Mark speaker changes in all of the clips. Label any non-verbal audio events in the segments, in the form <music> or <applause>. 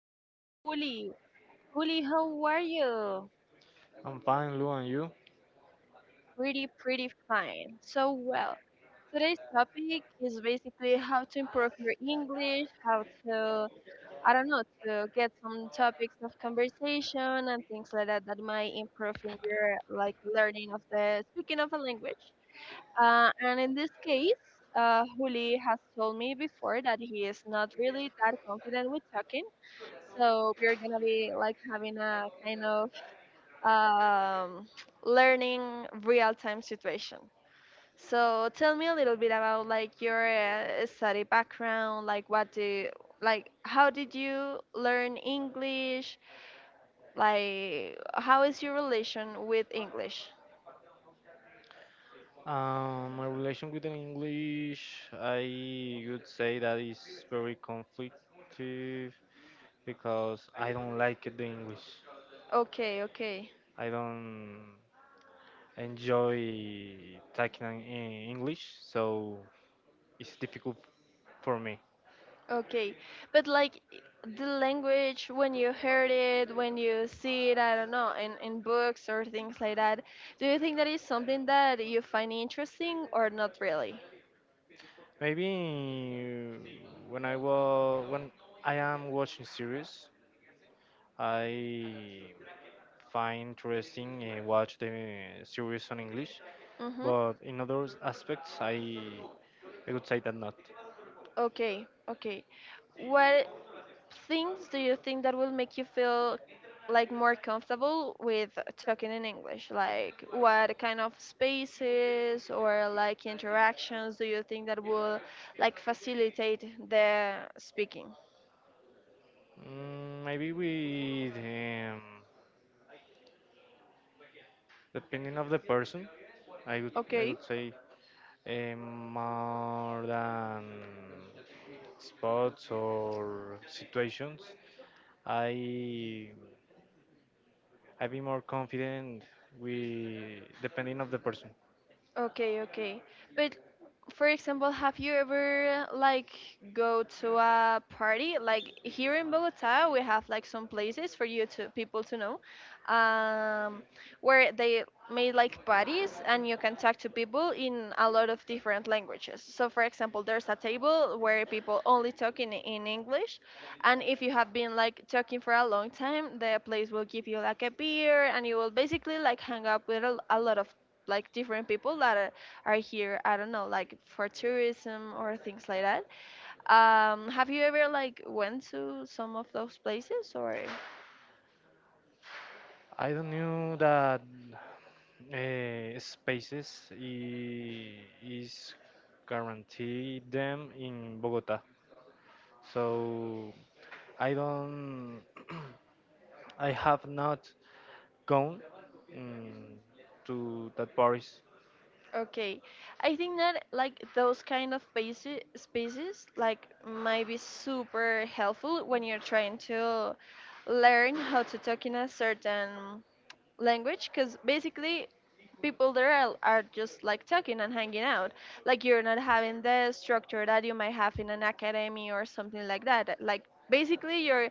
Speaker 1: with Juli. Juli, how are you?
Speaker 2: I'm fine, Lou, and you?
Speaker 1: Pretty fine. So well. Today's topic is basically how to improve your English, I don't know, to get some topics of conversation and things like that that might improve in your like learning of the speaking of a language. And in this case, Juli has told me before that he is not really that confident with talking. So we're gonna be like having a kind of um, learning real time situation. So tell me a little bit about like your study background, like what do like how did you learn English? Like how is your relation with English?
Speaker 2: My relation with the English, I would say that is very conflictive because I don't like the English.
Speaker 1: Okay, okay.
Speaker 2: I don't enjoy talking in English, so it's difficult for me.
Speaker 1: Okay, but like the language when you heard it, when you see it, I don't know, in books or things like that, do you think that is something that you find interesting or not really?
Speaker 2: Maybe when I am watching series, I find interesting watch the series on English,
Speaker 1: Mm-hmm.
Speaker 2: but in other aspects, I would say that not.
Speaker 1: Okay, okay. What things do you think that will make you feel like more comfortable with talking in English? Like what kind of spaces or like interactions do you think that will like facilitate the speaking?
Speaker 2: Mm, maybe with depending of the person, I would I
Speaker 1: Okay.
Speaker 2: would say more than spots or situations. I I be more confident with depending of the person.
Speaker 1: Okay, okay. But for example, have you ever like go to a party? Like here in Bogota, we have like some places for you to people to know, um, where they made like parties and you can talk to people in a lot of different languages. So for example, there's a table where people only talk in English, and if you have been like talking for a long time, the place will give you like a beer and you will basically like hang up with a lot of like different people that are here. I don't know, like for tourism or things like that. Um, have you ever like went to some of those places or
Speaker 2: I don't knew that spaces is guaranteed them in Bogota. So I don't, <clears throat> I have not gone mm, to that Paris.
Speaker 1: okay? I think that like those kind of spaces like might be super helpful when you're trying to learn how to talk in a certain language, because basically people there are just like talking and hanging out. Like you're not having the structure that you might have in an academy or something like that. Like basically you're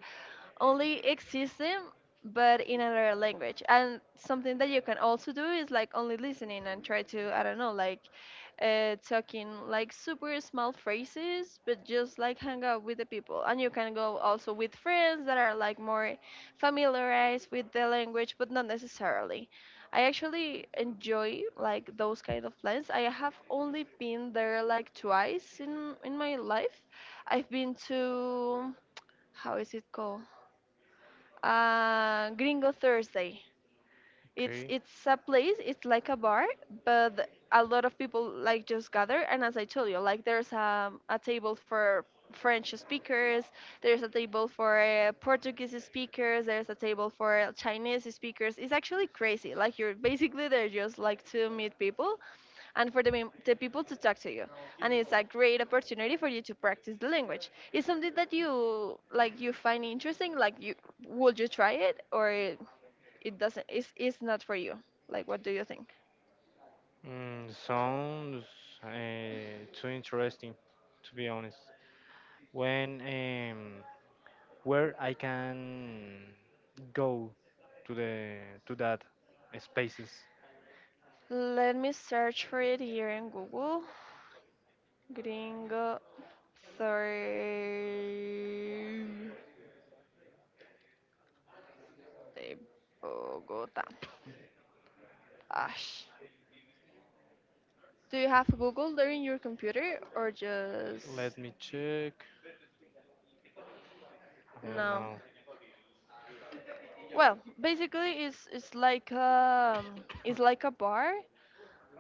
Speaker 1: only existing but in another language. And something that you can also do is like only listening and try to, I don't know, like talking like super small phrases but just like hang out with the people. And you can go also with friends that are like more familiarized with the language, but not necessarily. I actually enjoy like those kind of plans. I have only been there like twice in my life. I've been to, how is it called, Gringo Thursday. It's a place. It's like a bar, but a lot of people like just gather. And as I told you, like there's a table for French speakers. There's a table for Portuguese speakers. There's a table for Chinese speakers. It's actually crazy. Like you're basically there just like to meet people and for the people to talk to you. And it's a great opportunity for you to practice the language. It's something that you like, you find interesting. Like, you would you try it, or it doesn't? It's not for you. Like, what do you think?
Speaker 2: Mm, sounds too interesting, to be honest. When Where I can go to the to that spaces?
Speaker 1: Let me search for it here in Google. Gringo Thursday Bogota. Ash. Do you have Google there in your computer or just
Speaker 2: Let me check. I don't
Speaker 1: no?
Speaker 2: know.
Speaker 1: Well, basically it's like a bar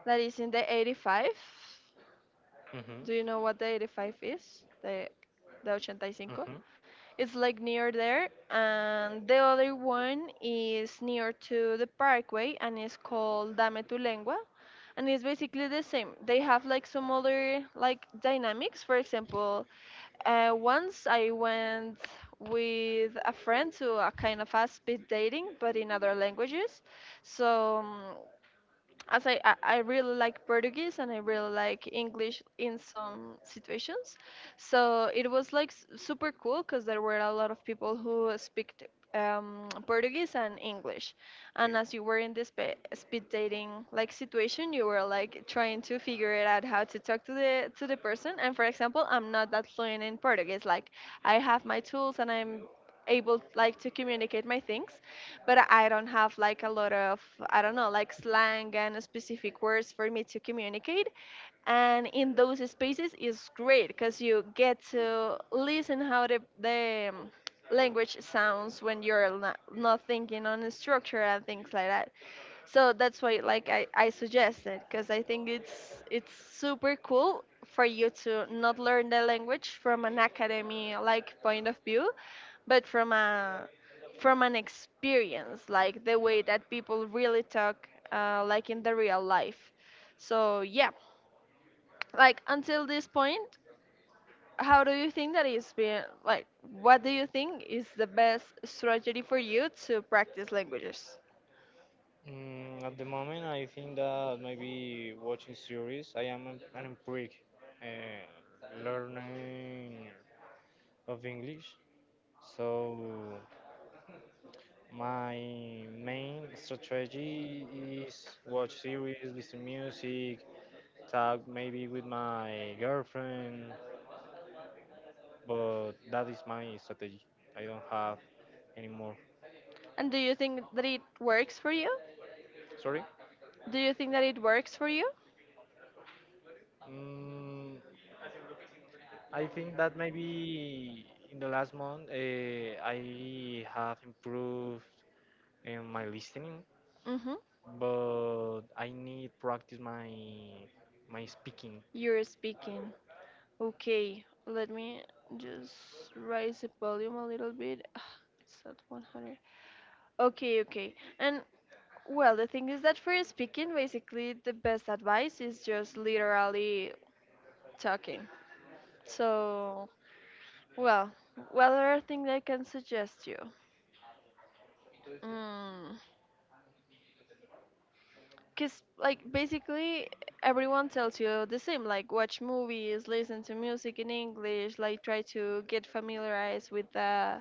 Speaker 1: that is in the 85.
Speaker 2: Mhm.
Speaker 1: Do you know what the 85 is? The 85.
Speaker 2: Mhm.
Speaker 1: It's like near there, and the other one is near to the parkway and is called Dame tu Lengua. And it's basically the same. They have like some other like dynamics. For example, once I went with a friend to a kind of a speed dating, but in other languages. So as I I really like Portuguese and I really like English in some situations, so it was like super cool because there were a lot of people who speak Portuguese and English, and as you were in this speed dating like situation, you were like trying to figure it out how to talk to the person. And for example, I'm not that fluent in Portuguese. Like I have my tools and I'm able like to communicate my things, but I don't have like a lot of, I don't know, like slang and specific words for me to communicate. And in those spaces is great because you get to listen how the language sounds when you're not thinking on the structure and things like that. So that's why like I suggest it, because I think it's super cool for you to not learn the language from an academy like point of view, but from a from an experience, like the way that people really talk, like in the real life. So yeah, like until this point, how do you think that is being, like what do you think is the best strategy for you to practice languages?
Speaker 2: Mm, at the moment, I think that maybe watching series. I am an empiric uh, learning of English, so my main strategy is watch series, listen music, talk maybe with my girlfriend, but that is my strategy. I don't have anymore.
Speaker 1: And do you think that it works for you?
Speaker 2: Sorry?
Speaker 1: Do you think that it works for you?
Speaker 2: Mm, I think that maybe in the last month I have improved in my listening,
Speaker 1: Mm-hmm.
Speaker 2: but I need practice my speaking.
Speaker 1: You're speaking. Okay, let me just raise the volume a little bit. Ah, it's at 100. Okay, okay. And well, the thing is that for speaking basically the best advice is just literally talking. So well, what other thing I can suggest you? Mm. Cause like basically everyone tells you the same. Like watch movies, listen to music in English. Like try to get familiarized with the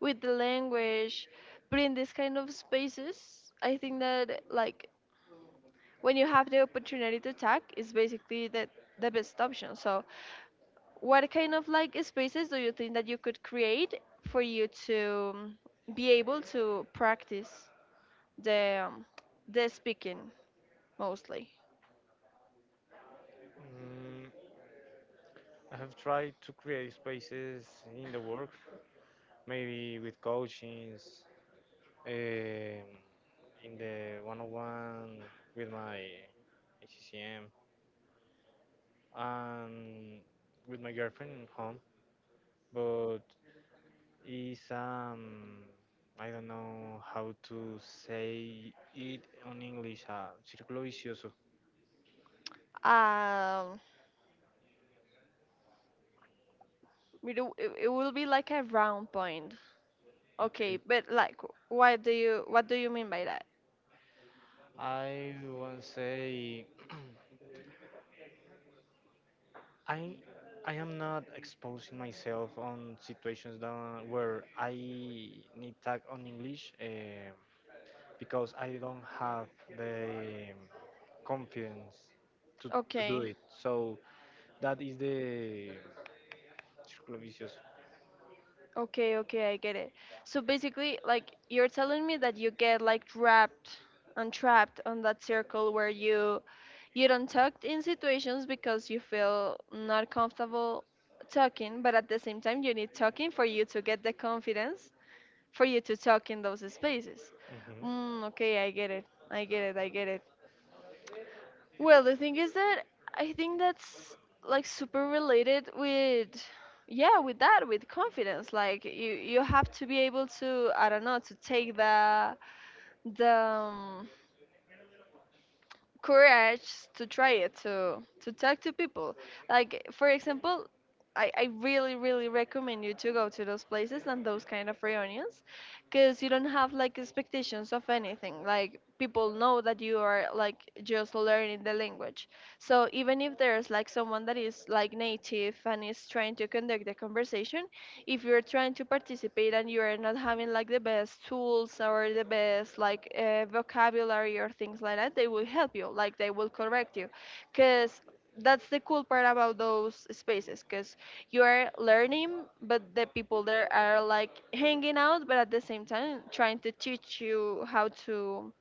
Speaker 1: with the language. But in this kind of spaces, I think that like when you have the opportunity to tag, it's basically the best option. So what kind of like spaces do you think that you could create for you to be able to practice the um, the speaking mostly?
Speaker 2: Mm, I have tried to create spaces in the work, maybe with coachings, um, in the 101 with my HCM and with my girlfriend in home, but it's I don't know how to say it on English. Círculo vicioso.
Speaker 1: Um, it it will be like a round point. Okay,
Speaker 2: Okay.
Speaker 1: but like what do you mean by that?
Speaker 2: I won't say <clears throat> I I am not exposing myself on situations that, where I need tag on English. Because I don't have the confidence to do
Speaker 1: Okay.
Speaker 2: it. So that is the circle vicious.
Speaker 1: Okay, okay, I get it. So basically, like you're telling me that you get like wrapped and trapped on that circle where you don't talk in situations because you feel not comfortable talking, but at the same time you need talking for you to get the confidence for you to talk in those spaces.
Speaker 2: Mhm.
Speaker 1: Mm, okay, I get it. I get it. I get it. Well, the thing is that I think that's like super related with, yeah, with that, with confidence. Like you have to be able to, I don't know, to take the courage to try it, to talk to people. Like for example, I really really recommend you to go to those places and those kind of reunions, because you don't have like expectations of anything. Like people know that you are like just learning the language. So even if there's like someone that is like native and is trying to conduct the conversation, if you're trying to participate and you are not having like the best tools or the best like vocabulary or things like that, they will help you. Like they will correct you because that's the cool part about those spaces, because you are learning but the people there are like hanging out but at the same time trying to teach you how to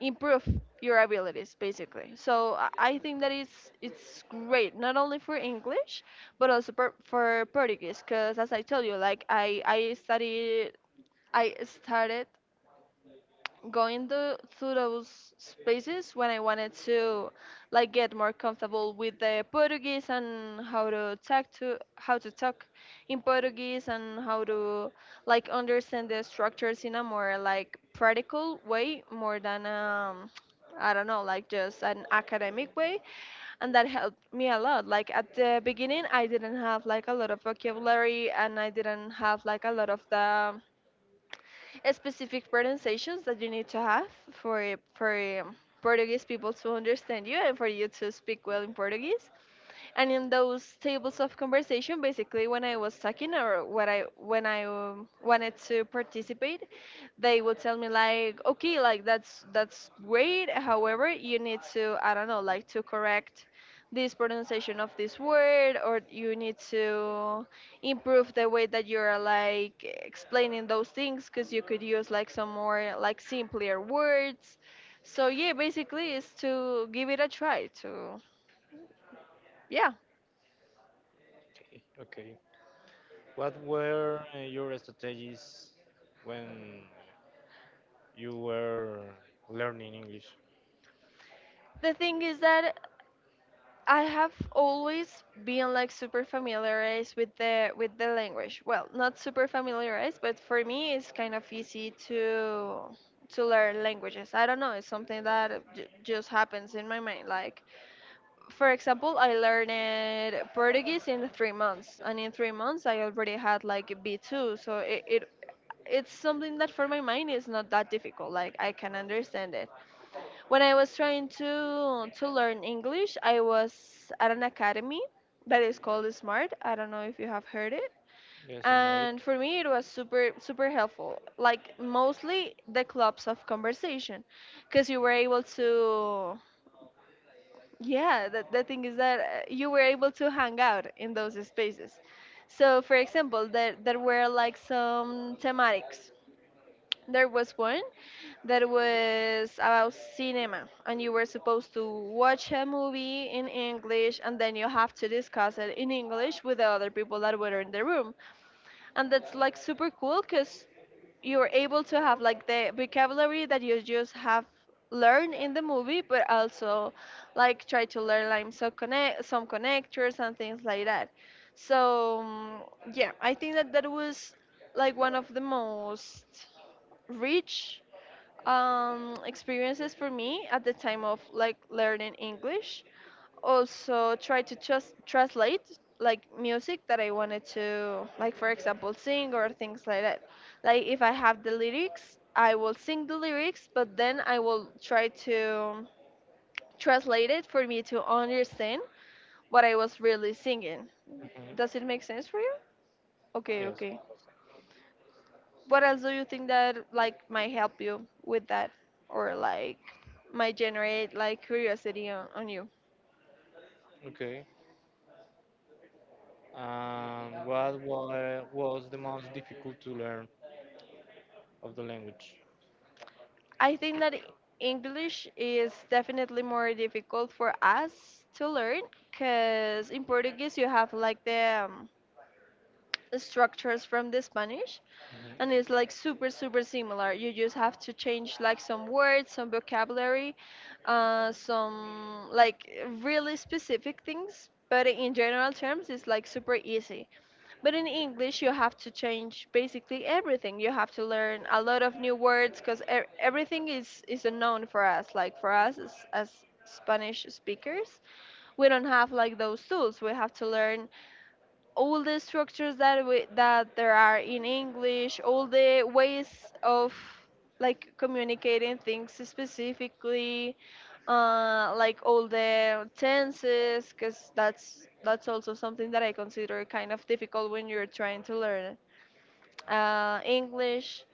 Speaker 1: improve your abilities basically. So I think that it's great not only for english, but also for portuguese, because as I told you, like I started going to those spaces when I wanted to like get more comfortable with the Portuguese and how to talk to how to talk in Portuguese and how to like understand the structures in a more like practical way more than I don't know, like just an academic way, and that helped me a lot. Like at the beginning, I didn't have like a lot of vocabulary, and I didn't have like a lot of the specific pronunciations that you need to have for Portuguese people to understand you and for you to speak well in Portuguese. And in those tables of conversation basically when I was talking or what I when I wanted to participate, they would tell me like okay, like that's great however, you need to, I don't know, like to correct this pronunciation of this word, or you need to improve the way that you're like explaining those things because you could use like some more like simpler words. So yeah, basically is to give it a try to, yeah.
Speaker 2: Okay, okay. What were your strategies when you were learning English?
Speaker 1: The thing is that I have always been like super familiarized with the language. Well, not super familiarized, but for me it's kind of easy to learn languages. I don't know, it's something that just happens in my mind. Like, for example, I learned Portuguese in 3 months, and in 3 months I already had like B2, so it's something that for my mind is not that difficult. Like, I can understand it. When I was trying to learn English, I was at an academy that is called Smart. I don't know if you have heard it.
Speaker 2: Yes, I know it.
Speaker 1: And for me, it was super super helpful. Like mostly the clubs of conversation, because you were able to. Yeah, the thing is that you were able to hang out in those spaces. So, for example, there were like some thematics, there was one that was about cinema, and you were supposed to watch a movie in English and then you have to discuss it in English with the other people that were in the room, and that's like super cool because you're able to have like the vocabulary that you just have learned in the movie, but also like try to learn like some connectors and things like that. So yeah, I think that that was like one of the most rich experiences for me at the time of like learning English. Also, try to just translate like music that I wanted to, like for example, sing or things like that. Like if I have the lyrics, I will sing the lyrics, but then I will try to translate it for me to understand what I was really singing.
Speaker 2: Mhm.
Speaker 1: Does it make sense for you?
Speaker 2: Yes, I
Speaker 1: Okay, okay.
Speaker 2: understand.
Speaker 1: What else do you think that like might help you with that, or like might generate like curiosity on you?
Speaker 2: Okay. And what was the most difficult to learn of the language?
Speaker 1: I think that English is definitely more difficult for us to learn, because in Portuguese you have like the structures from the Spanish, and it's
Speaker 2: Mhm.
Speaker 1: like super super similar. You just have to change like some words, some vocabulary, some like really specific things, but in general terms it's like super easy. But in English you have to change basically everything. You have to learn a lot of new words because everything is unknown for us, like for us as Spanish speakers, we don't have like those tools. We have to learn all the structures that there are in English, all the ways of like communicating things specifically, like all the tenses, because that's also something that I consider kind of difficult when you're trying to learn English.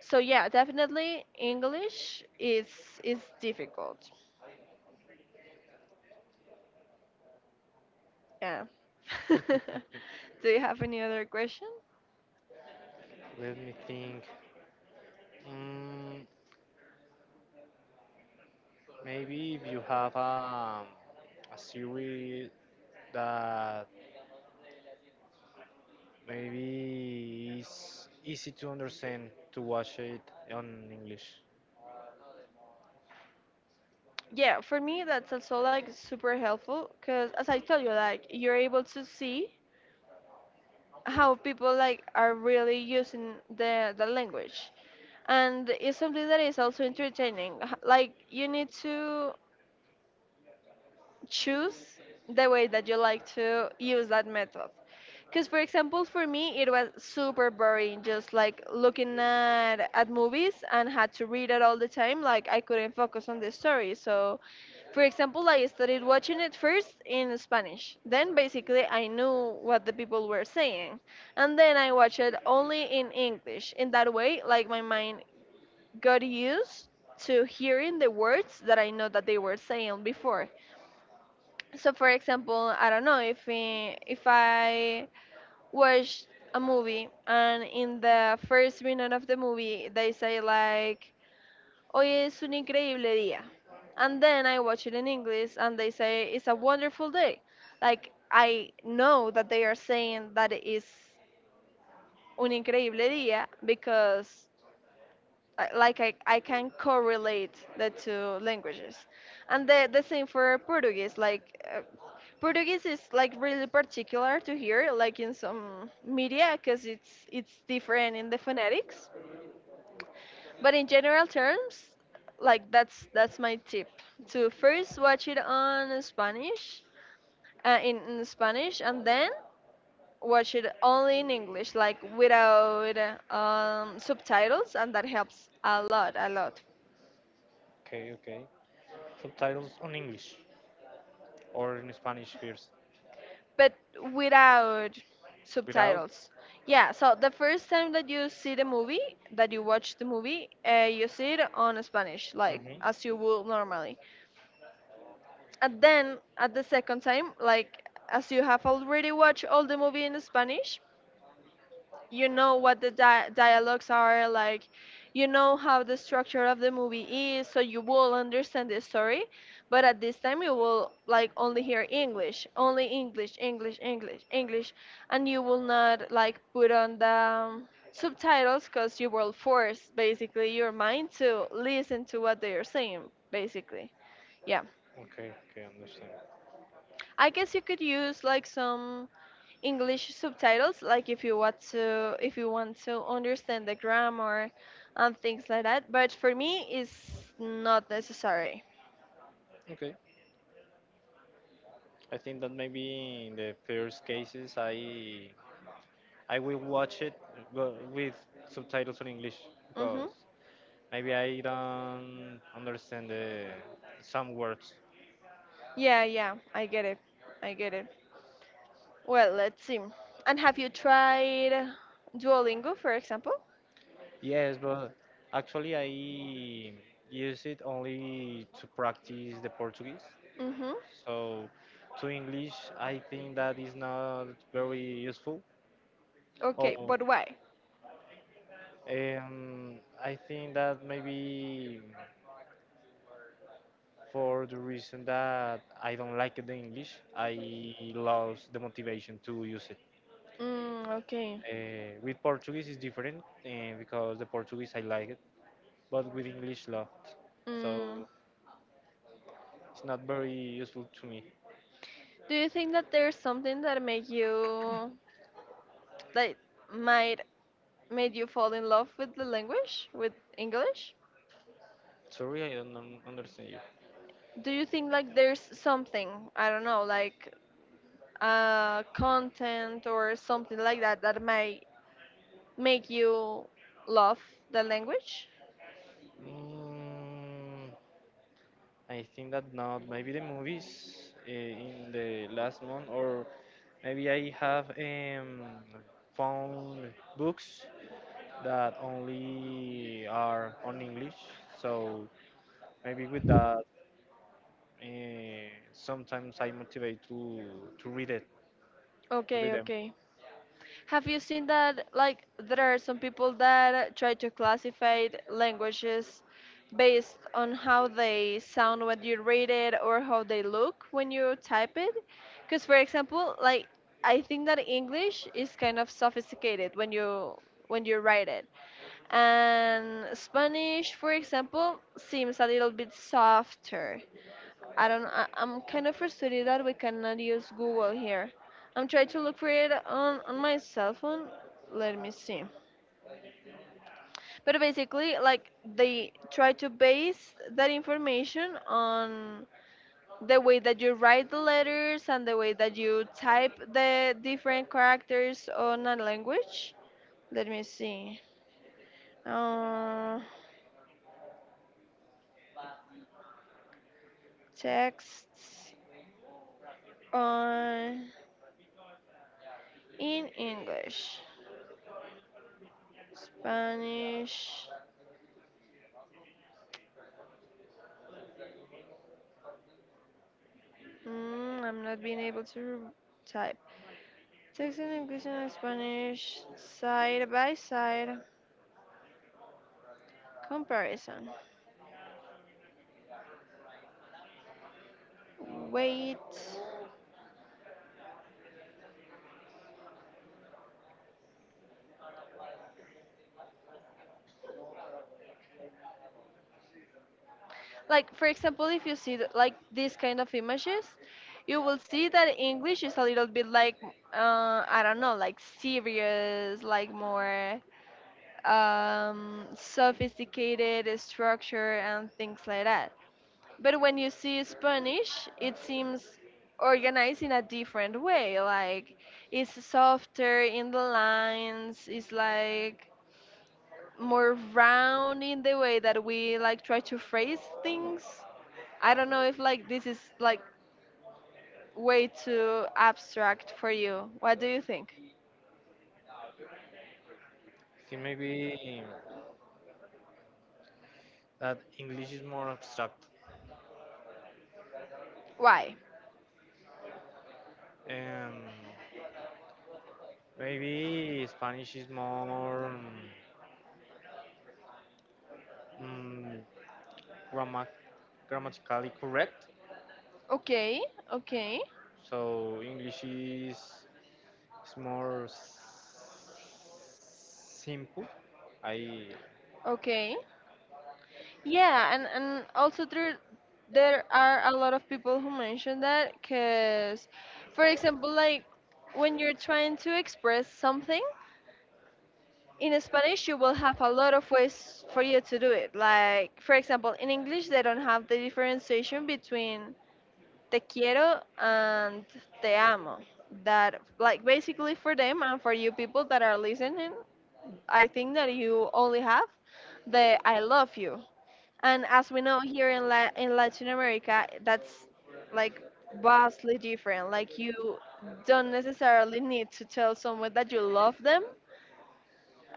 Speaker 1: So yeah, definitely English is difficult. Yeah. <laughs> Do you have any other question?
Speaker 2: Let me think. Mm, maybe if you have a series that maybe is easy to understand to watch it on English.
Speaker 1: Yeah, for me that's also like super helpful because, as I told you, like, you're able to see how people like are really using the language, and it's something that is also entertaining. Like, you need to choose the way that you like to use that method. Because, for example, for me, it was super boring just like looking at movies and had to read it all the time. Like, I couldn't focus on the story. So, for example, I started watching it first in Spanish. Then, basically, I knew what the people were saying. And then I watched it only in English. In that way, like, my mind got used to hearing the words that I know that they were saying before. So, for example, I don't know, if I watch a movie and in the first minute of the movie they say like, hoy es un increíble día, and then I watch it in English and they say, it's a wonderful day, like I know that they are saying that it is un increíble día. Because like I can correlate the two languages. And the same for Portuguese, like Portuguese is like really particular to hear like in some media because it's different in the phonetics. But in general terms, like, that's my tip: to first watch it on Spanish, in Spanish, and then watch it only in English, like without subtitles, and that helps a lot a lot.
Speaker 2: Okay, okay. Subtitles on English or in Spanish first.
Speaker 1: But without
Speaker 2: Without?
Speaker 1: subtitles. Yeah, so the first time that you see the movie, that you watch the movie, you see it on Spanish, like
Speaker 2: Hmm.
Speaker 1: as you would normally. And then at the second time, like, as you have already watched all the movie in Spanish, you know what the dialogues are like, you know how the structure of the movie is, so you will understand the story, but at this time you will like only hear English, only English, English, English, English, and you will not like put on the subtitles, because you will force basically your mind to listen to what they are saying, basically. Yeah.
Speaker 2: Okay, okay, understand.
Speaker 1: I guess you could use like some English subtitles, like if you want to understand the grammar and things like that. But for me, it's not necessary.
Speaker 2: Okay. I think that maybe in the first cases I will watch it but with subtitles in English
Speaker 1: Mhm.
Speaker 2: because maybe I don't understand the, some words.
Speaker 1: Yeah, yeah, I get it. I get it. Well, let's see. And have you tried Duolingo, for example?
Speaker 2: Yes, but actually I use it only to practice the Portuguese.
Speaker 1: Mhm.
Speaker 2: So to English I think that is not very useful.
Speaker 1: Okay,
Speaker 2: Or
Speaker 1: but why?
Speaker 2: I think that maybe for the reason that I don't like the English. I lost the motivation to use it.
Speaker 1: Mm, okay.
Speaker 2: With Portuguese is different because the Portuguese I like it, but with English lot,
Speaker 1: Mm.
Speaker 2: so it's not very useful to me.
Speaker 1: Do you think that there's something that make you, like, might made you fall in love with the language, with English?
Speaker 2: Sorry, I don't understand you.
Speaker 1: Do you think like there's something, I don't know, like, content or something like that that might make you love the language?
Speaker 2: Mm, I think that not. Maybe the movies in the last month, or maybe I have found books that only are on English. So maybe with that, sometimes I motivate to read it, to read
Speaker 1: Okay,
Speaker 2: them.
Speaker 1: okay. Have you seen that like there are some people that try to classify languages based on how they sound when you read it or how they look when you type it? Because for example, like, I think that English is kind of sophisticated when you write it. And Spanish, for example, seems a little bit softer. I don't. I'm kind of frustrated that we cannot use Google here. I'm trying to look for it on my cell phone. Let me see. But basically, like, they try to base that information on the way that you write the letters and the way that you type the different characters on a language. Let me see. Uh, Texts on in English, Spanish. Mm, I'm not being able to type. Text in English and Spanish side by side comparison. Wait. Like for example, if you see the, like, these kind of images, you will see that English is a little bit like, I don't know, like serious, like more sophisticated structure and things like that. But when you see Spanish, it seems organized in a different way. Like, it's softer in the lines, it's like more round in the way that we like try to phrase things. I don't know if like this is like way too abstract for you. What do you think?
Speaker 2: See, maybe that English is more abstract,
Speaker 1: Why?
Speaker 2: and maybe Spanish is more um, grammar, grammatically correct.
Speaker 1: Okay, okay,
Speaker 2: So English is more simple. I.
Speaker 1: okay. Yeah, and also there are a lot of people who mention that because, for example, like, when you're trying to express something in Spanish, you will have a lot of ways for you to do it. Like for example, in English, they don't have the differentiation between te quiero and te amo. That, like, basically for them and for you people that are listening, I think that you only have the I love you, and as we know here in in Latin America, that's like vastly different. Like, you don't necessarily need to tell someone that you love them.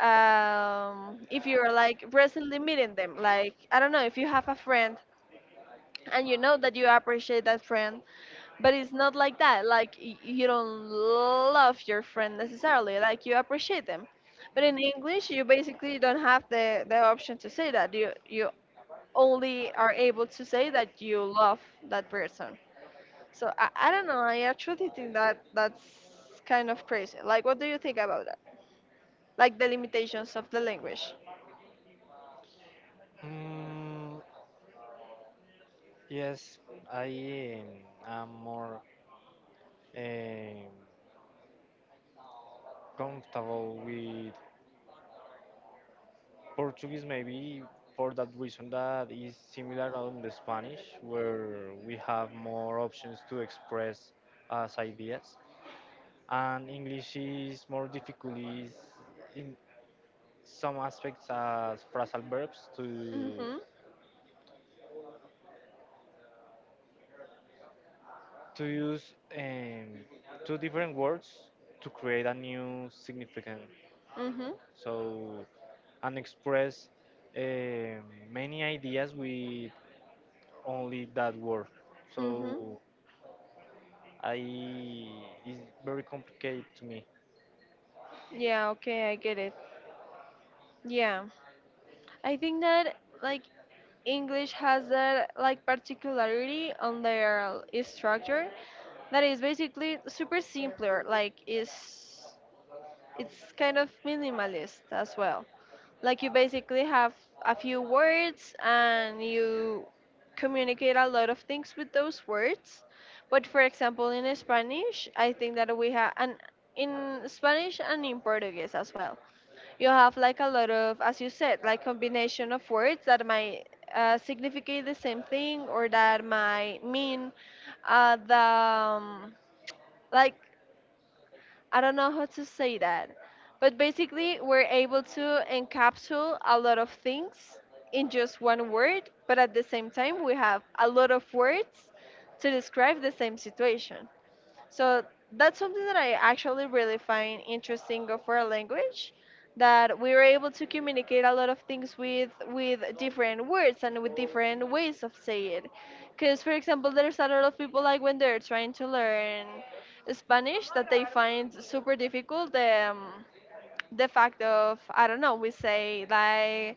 Speaker 1: If you're like recently meeting them, like, I don't know, if you have a friend and you know that you appreciate that friend, but it's not like that. Like, you don't love your friend necessarily. Like you appreciate them. But in English, you basically don't have the option to say that. You only are able to say that you love that person. So I don't know. I actually think that that's kind of crazy. Like, what do you think about that? Like, the limitations of the language.
Speaker 2: Mm, yes, I am more um, comfortable with Portuguese, maybe for that reason that is similar on the Spanish, where we have more options to express as ideas, and English is more difficult is in some aspects as phrasal verbs
Speaker 1: Mhm.
Speaker 2: to use two different words to create a new significant.
Speaker 1: Mhm.
Speaker 2: So, and express eh, many ideas with only that word.
Speaker 1: Mhm.
Speaker 2: So, I it's very complicated to me.
Speaker 1: Yeah. Okay. I get it. Yeah. I think that, like, English has that like particularity on their structure that is basically super simpler. Like, is it's kind of minimalist as well. Like, you basically have a few words and you communicate a lot of things with those words. But for example, in Spanish, I think that we have, and in Spanish and in Portuguese as well, you have like a lot of, as you said, like, combination of words that might significate the same thing, or that might mean the like, I don't know how to say that. But basically, we're able to encapsulate a lot of things in just one word, but at the same time, we have a lot of words to describe the same situation. So that's something that I actually really find interesting of our language, that we were able to communicate a lot of things with different words and with different ways of say it. Because for example, there's a lot of people, like, when they're trying to learn Spanish, that they find super difficult the fact of, I don't know, we say like,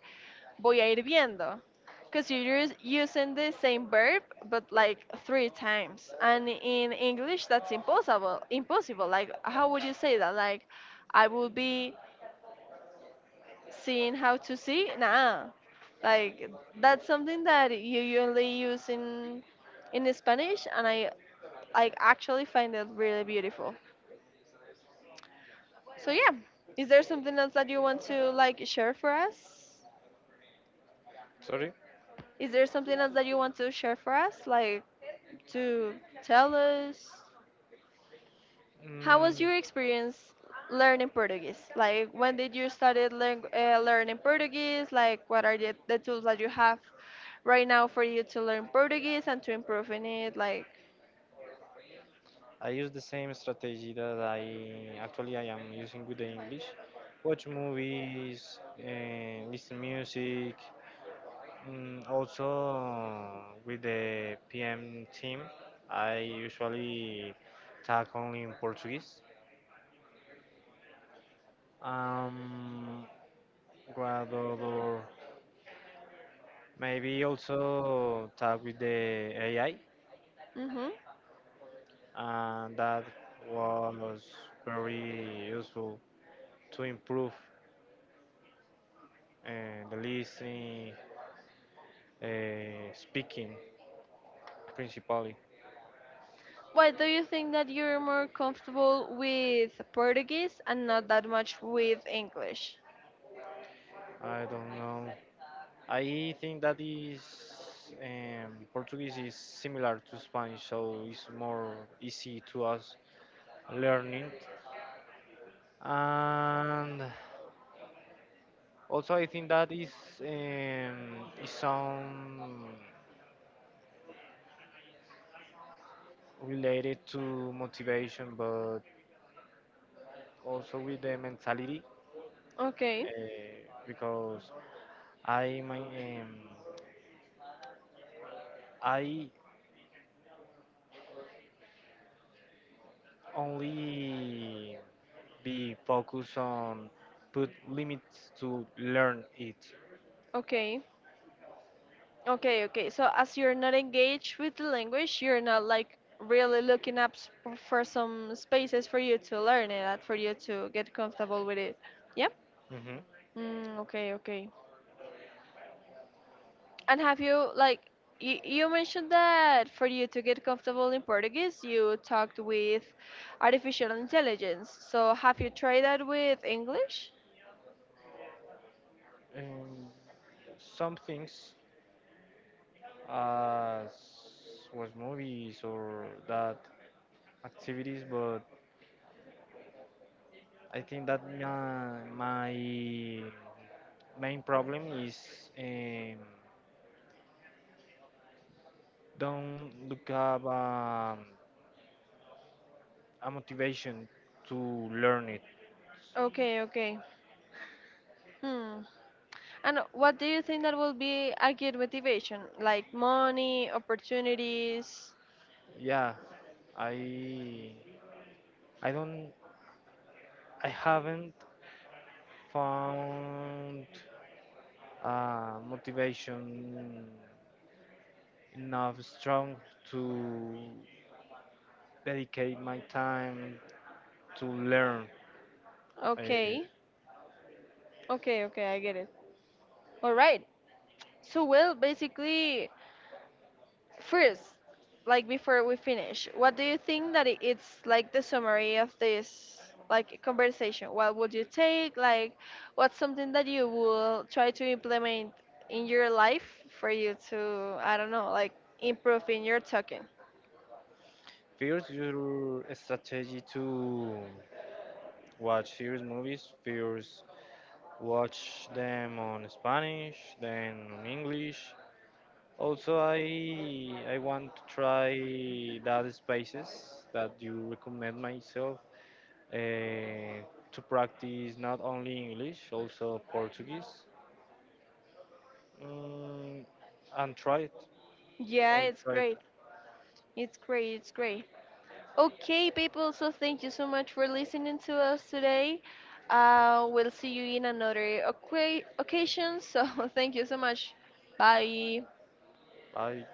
Speaker 1: voy a ir viendo. Because you're using the same verb, but like three times. And in English, that's impossible. Impossible. Like, how would you say that? Like, I will be seeing how to see? Nah. Like, that's something that you only use in Spanish, and I, like, actually find it really beautiful. So yeah, is there something else that you want to like share for us?
Speaker 2: Sorry?
Speaker 1: Is there something else that you want to share for us? Like, to tell us how
Speaker 2: Mm,
Speaker 1: was your experience learning Portuguese? Like, when did you started learning Portuguese? Like, what are the tools that you have right now for you to learn Portuguese and to improve in it? Like,
Speaker 2: I use the same strategy that I actually I am using with the English. Watch movies, listen music. Mm, also with the PM team, I usually talk only in Portuguese. Um, what other? Maybe also talk with the AI,
Speaker 1: mm-hmm.
Speaker 2: and that was very useful to improve the listening, speaking principally.
Speaker 1: Why do you think that you're more comfortable with Portuguese and not that much with English?
Speaker 2: I don't know. I think that is Portuguese is similar to Spanish, so it's more easy to us learning. And also, I think that is some related to motivation, but also with the mentality,
Speaker 1: Okay,
Speaker 2: because I my I only be focused on put limits to learn it.
Speaker 1: okay. Okay, okay. So as you're not engaged with the language, you're not like really looking up for some spaces for you to learn it, and for you to get comfortable with it. Yep.
Speaker 2: Hmm.
Speaker 1: Mm, okay, okay. And have you like, you mentioned that for you to get comfortable in Portuguese, you talked with artificial intelligence. So have you tried that with English?
Speaker 2: Um, some things as was movies or that activities, but I think that my main problem is um, don't look up a motivation to learn it.
Speaker 1: Okay, okay. Hmm. And what do you think that will be a good motivation? Like money, opportunities?
Speaker 2: Yeah, I I don't I haven't found motivation enough strong to dedicate my time to learn. Uh,
Speaker 1: Okay, okay, okay, I get it. All right. So, well, basically, first, like, before we finish, what do you think that it's like the summary of this like conversation? What would you take? Like, what's something that you will try to implement in your life for you to, I don't know, like, improve in your talking?
Speaker 2: first, your strategy to watch series movies, first watch them on Spanish, then on English. Also, I want to try that spaces that you recommend myself uh, to practice not only English, also Portuguese, mm, and try it.
Speaker 1: Yeah,
Speaker 2: Only
Speaker 1: it's
Speaker 2: try it.
Speaker 1: great. It's great. It's great. Okay, people, so thank you so much for listening to us today. We'll see you in another occasion. So <laughs> thank you so much. Bye.
Speaker 2: Bye.